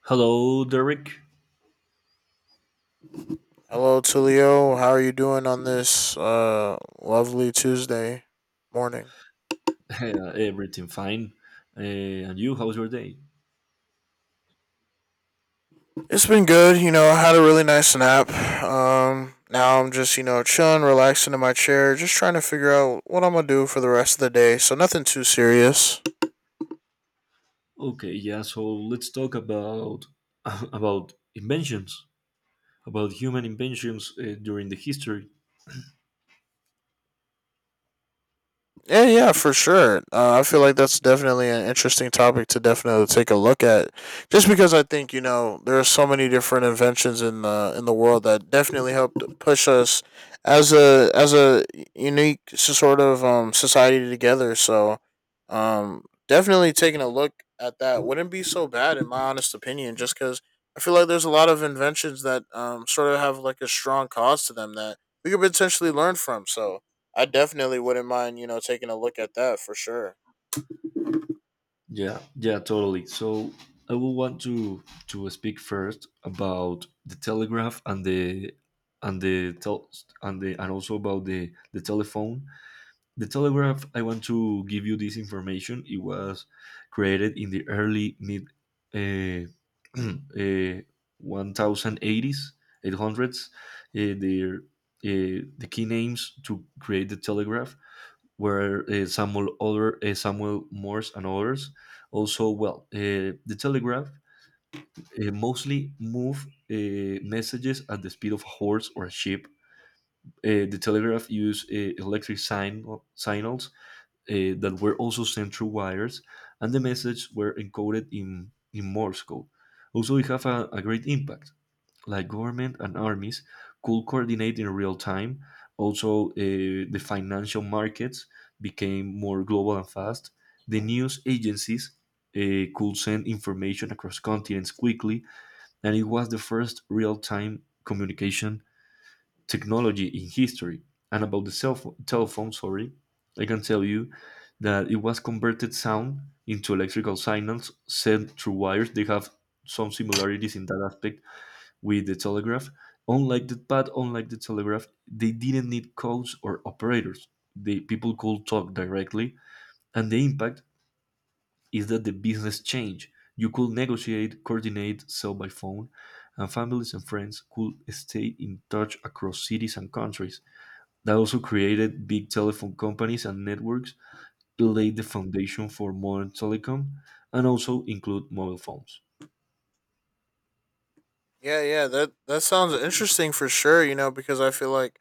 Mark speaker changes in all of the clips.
Speaker 1: Hello, Derek.
Speaker 2: Hello, Tulio. How are you doing on this lovely Tuesday morning?
Speaker 1: Everything fine? And you? How's your day?
Speaker 2: It's been good. You know, I had a really nice nap. Now I'm just, you know, chilling, relaxing in my chair, just trying to figure out what I'm going to do for the rest of the day. So, nothing too serious.
Speaker 1: Okay, yeah. So let's talk about about inventions, about human inventions during the history.
Speaker 2: Yeah, yeah, for sure. I feel like that's definitely an interesting topic to definitely take a look at, just because I think you know there are so many different inventions in the world that definitely helped push us as a unique sort of society together. So, definitely taking a look at that wouldn't be so bad in my honest opinion, just because I feel like there's a lot of inventions that sort of have like a strong cause to them that we could potentially learn from. So I definitely wouldn't mind, you know, taking a look at that for sure.
Speaker 1: Yeah, yeah, totally. So I will want to speak first about the telegraph and the tel- and the and also about the telephone. The Telegraph, I want to give you this information. It was created in the early mid uh, uh, 1080s, 800s. Uh, the, the key names to create the Telegraph were Samuel, Other, Samuel Morse and others. Also, well, the Telegraph mostly moved messages at the speed of a horse or a ship. The telegraph used signals that were also sent through wires, and the messages were encoded in Morse code. Also, it had a great impact. Like government and armies could coordinate in real time. Also, the financial markets became more global and fast. The news agencies uh, could send information across continents quickly, and it was the first real time communication technology in history. And about the cell phone, telephone, sorry, I can tell you that it was converted sound into electrical signals sent through wires. They have some similarities in that aspect with the telegraph. Unlike the but unlike the telegraph, they didn't need codes or operators. The people could talk directly, and the impact is that the business changed. You could negotiate, coordinate, sell by phone, and families and friends could stay in touch across cities and countries. That also created big telephone companies and networks, laid the foundation for modern telecom, and also include mobile phones.
Speaker 2: Yeah, yeah, that sounds interesting for sure, you know, because I feel like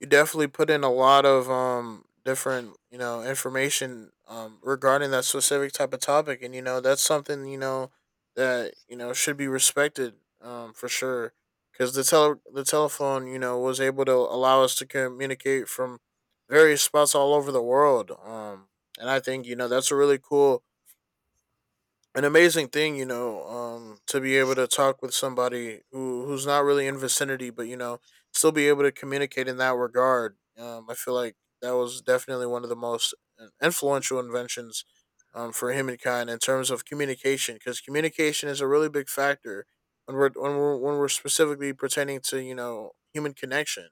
Speaker 2: you definitely put in a lot of different, you know, information regarding that specific type of topic, and you know, that's something, you know, that, you know, should be respected for sure, cuz the telephone, you know, was able to allow us to communicate from various spots all over the world. And I think, you know, that's a really cool an amazing thing, you know, to be able to talk with somebody who's not really in vicinity, but you know, still be able to communicate in that regard. I feel like that was definitely one of the most influential inventions, for humankind in terms of communication, because communication is a really big factor when we're specifically pertaining to you know human connection.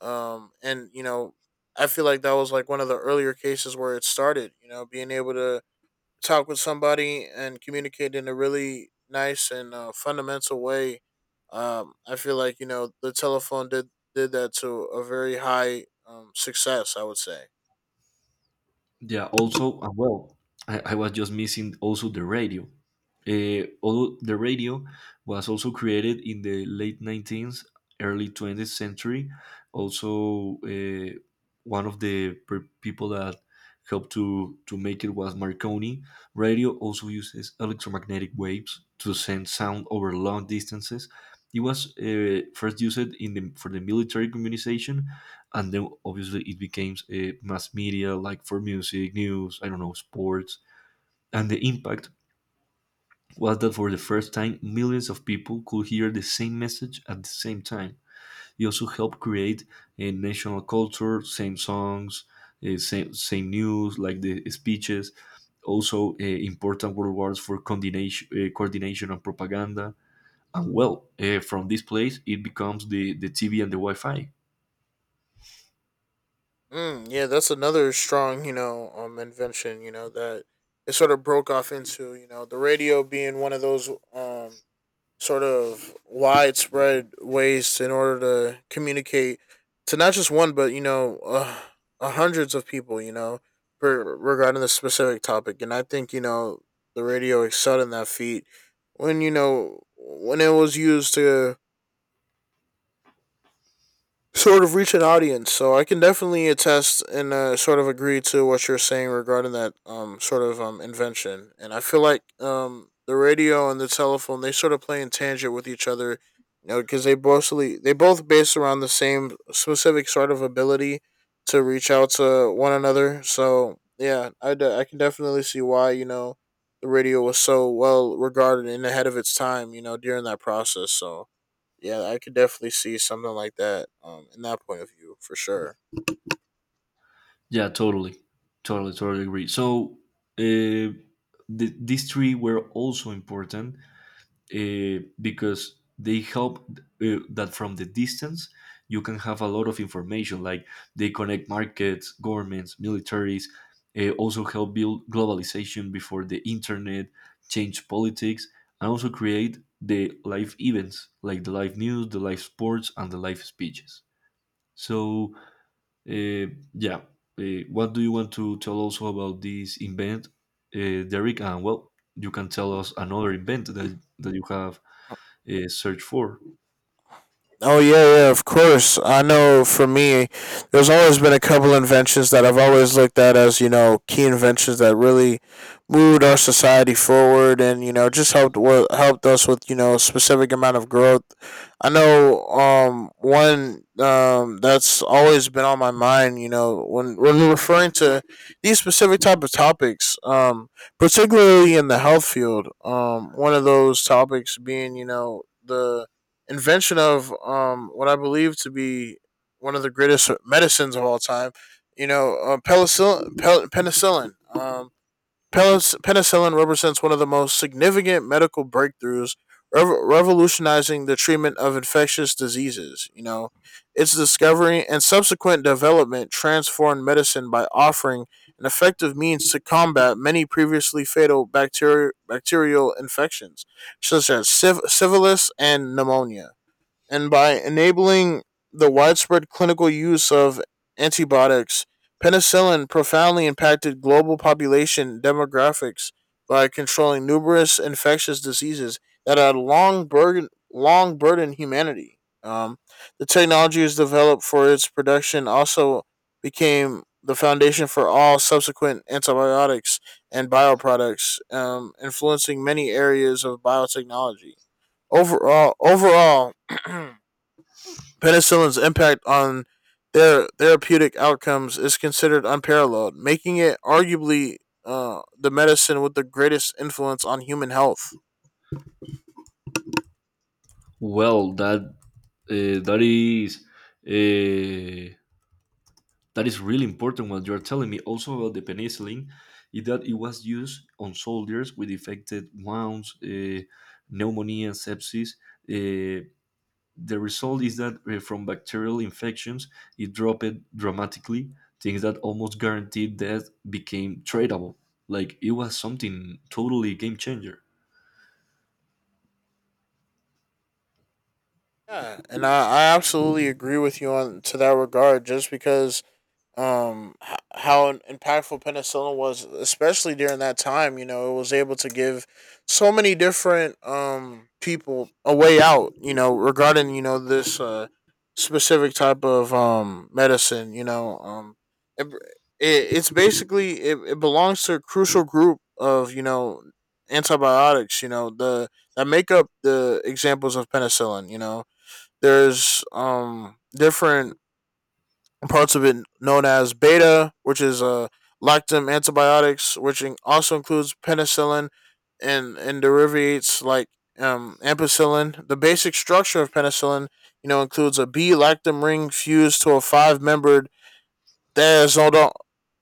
Speaker 2: And you know, I feel like that was like one of the earlier cases where it started. You know, being able to talk with somebody and communicate in a really nice and fundamental way. I feel like you know the telephone did that to a very high success. I would say.
Speaker 1: Yeah, also, I was just missing also the radio. Although the radio was also created in the late 19th, early 20th century, also one of the people that helped to make it was Marconi. Radio also uses electromagnetic waves to send sound over long distances. It was first used for the military communication, and then obviously it became a mass media, like for music, news, I don't know, sports. And the impact was that for the first time, millions of people could hear the same message at the same time. It also helped create a national culture, same songs, same news, like the speeches. Also, important world wars for coordination and propaganda. And well, from this place it becomes the TV and the Wi-Fi.
Speaker 2: Mm, yeah, that's another strong you know invention. You know that it sort of broke off into you know the radio being one of those sort of widespread ways in order to communicate to not just one, but you know, hundreds of people. You know, for regarding the specific topic, and I think you know the radio excelled in that feat when you know when it was used to sort of reach an audience. So I can definitely attest and sort of agree to what you're saying regarding that sort of invention. And I feel like the radio and the telephone, they sort of play in tangent with each other, you know, because they mostly they both based around the same specific sort of ability to reach out to one another. So yeah, I can definitely see why you know the radio was so well regarded and ahead of its time, you know, during that process. So yeah, I could definitely see something like that in that point of view for sure.
Speaker 1: Yeah, totally agree. So uh, these three were also important because they help that from the distance you can have a lot of information. Like they connect markets, governments, militaries. Also help build globalization before the internet, change politics, and also create the live events, like the live news, the live sports, and the live speeches. So uh, yeah. What do you want to tell also about this invent, Derek? And well, you can tell us another invent that you have searched for.
Speaker 2: Oh yeah, yeah, of course. I know for me, there's always been a couple inventions that I've always looked at as, you know, key inventions that really moved our society forward and, you know, just helped us with, you know, a specific amount of growth. I know one that's always been on my mind, you know, when we're referring to these specific type of topics, particularly in the health field. One of those topics being, you know, the invention of what I believe to be one of the greatest medicines of all time. You know, penicillin. Penicillin. Penicillin represents one of the most significant medical breakthroughs, revolutionizing the treatment of infectious diseases. You know, its discovery and subsequent development transformed medicine by offering an effective means to combat many previously fatal bacterial infections, such as syphilis and pneumonia, and by enabling the widespread clinical use of antibiotics. Penicillin profoundly impacted global population demographics by controlling numerous infectious diseases that had long burdened humanity. The technology was developed for its production also became the foundation for all subsequent antibiotics and bioproducts, influencing many areas of biotechnology. Overall, penicillin's impact on their therapeutic outcomes is considered unparalleled, making it arguably the medicine with the greatest influence on human health.
Speaker 1: Well, uh, that is uh, that is really important. What you are telling me also about the penicillin is that it was used on soldiers with infected wounds, pneumonia, sepsis. Uh, The result is that from bacterial infections, it dropped dramatically. Things that almost guaranteed death became tradable. Like it was something totally game changer.
Speaker 2: Yeah, and I absolutely agree with you on to that regard. Just because how impactful penicillin was, especially during that time, you know it was able to give so many different people a way out, you know, regarding you know this specific type of medicine, you know. It, it's basically it belongs to a crucial group of you know antibiotics, you know the that make up the examples of penicillin, you know. There's different and parts of it known as beta, which is lactam antibiotics, which also includes penicillin and derivatives like ampicillin. The basic structure of penicillin, you know, includes a B lactam ring fused to a five-membered the azodo-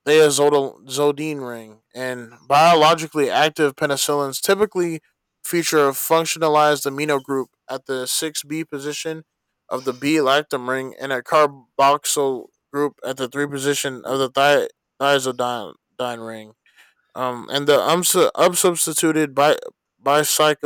Speaker 2: the azodol- azodine ring, and biologically active penicillins typically feature a functionalized amino group at the 6B position of the B lactam ring and a carboxyl group at the 3 position of the thiazidine ring. And the unsubstituted bicyclic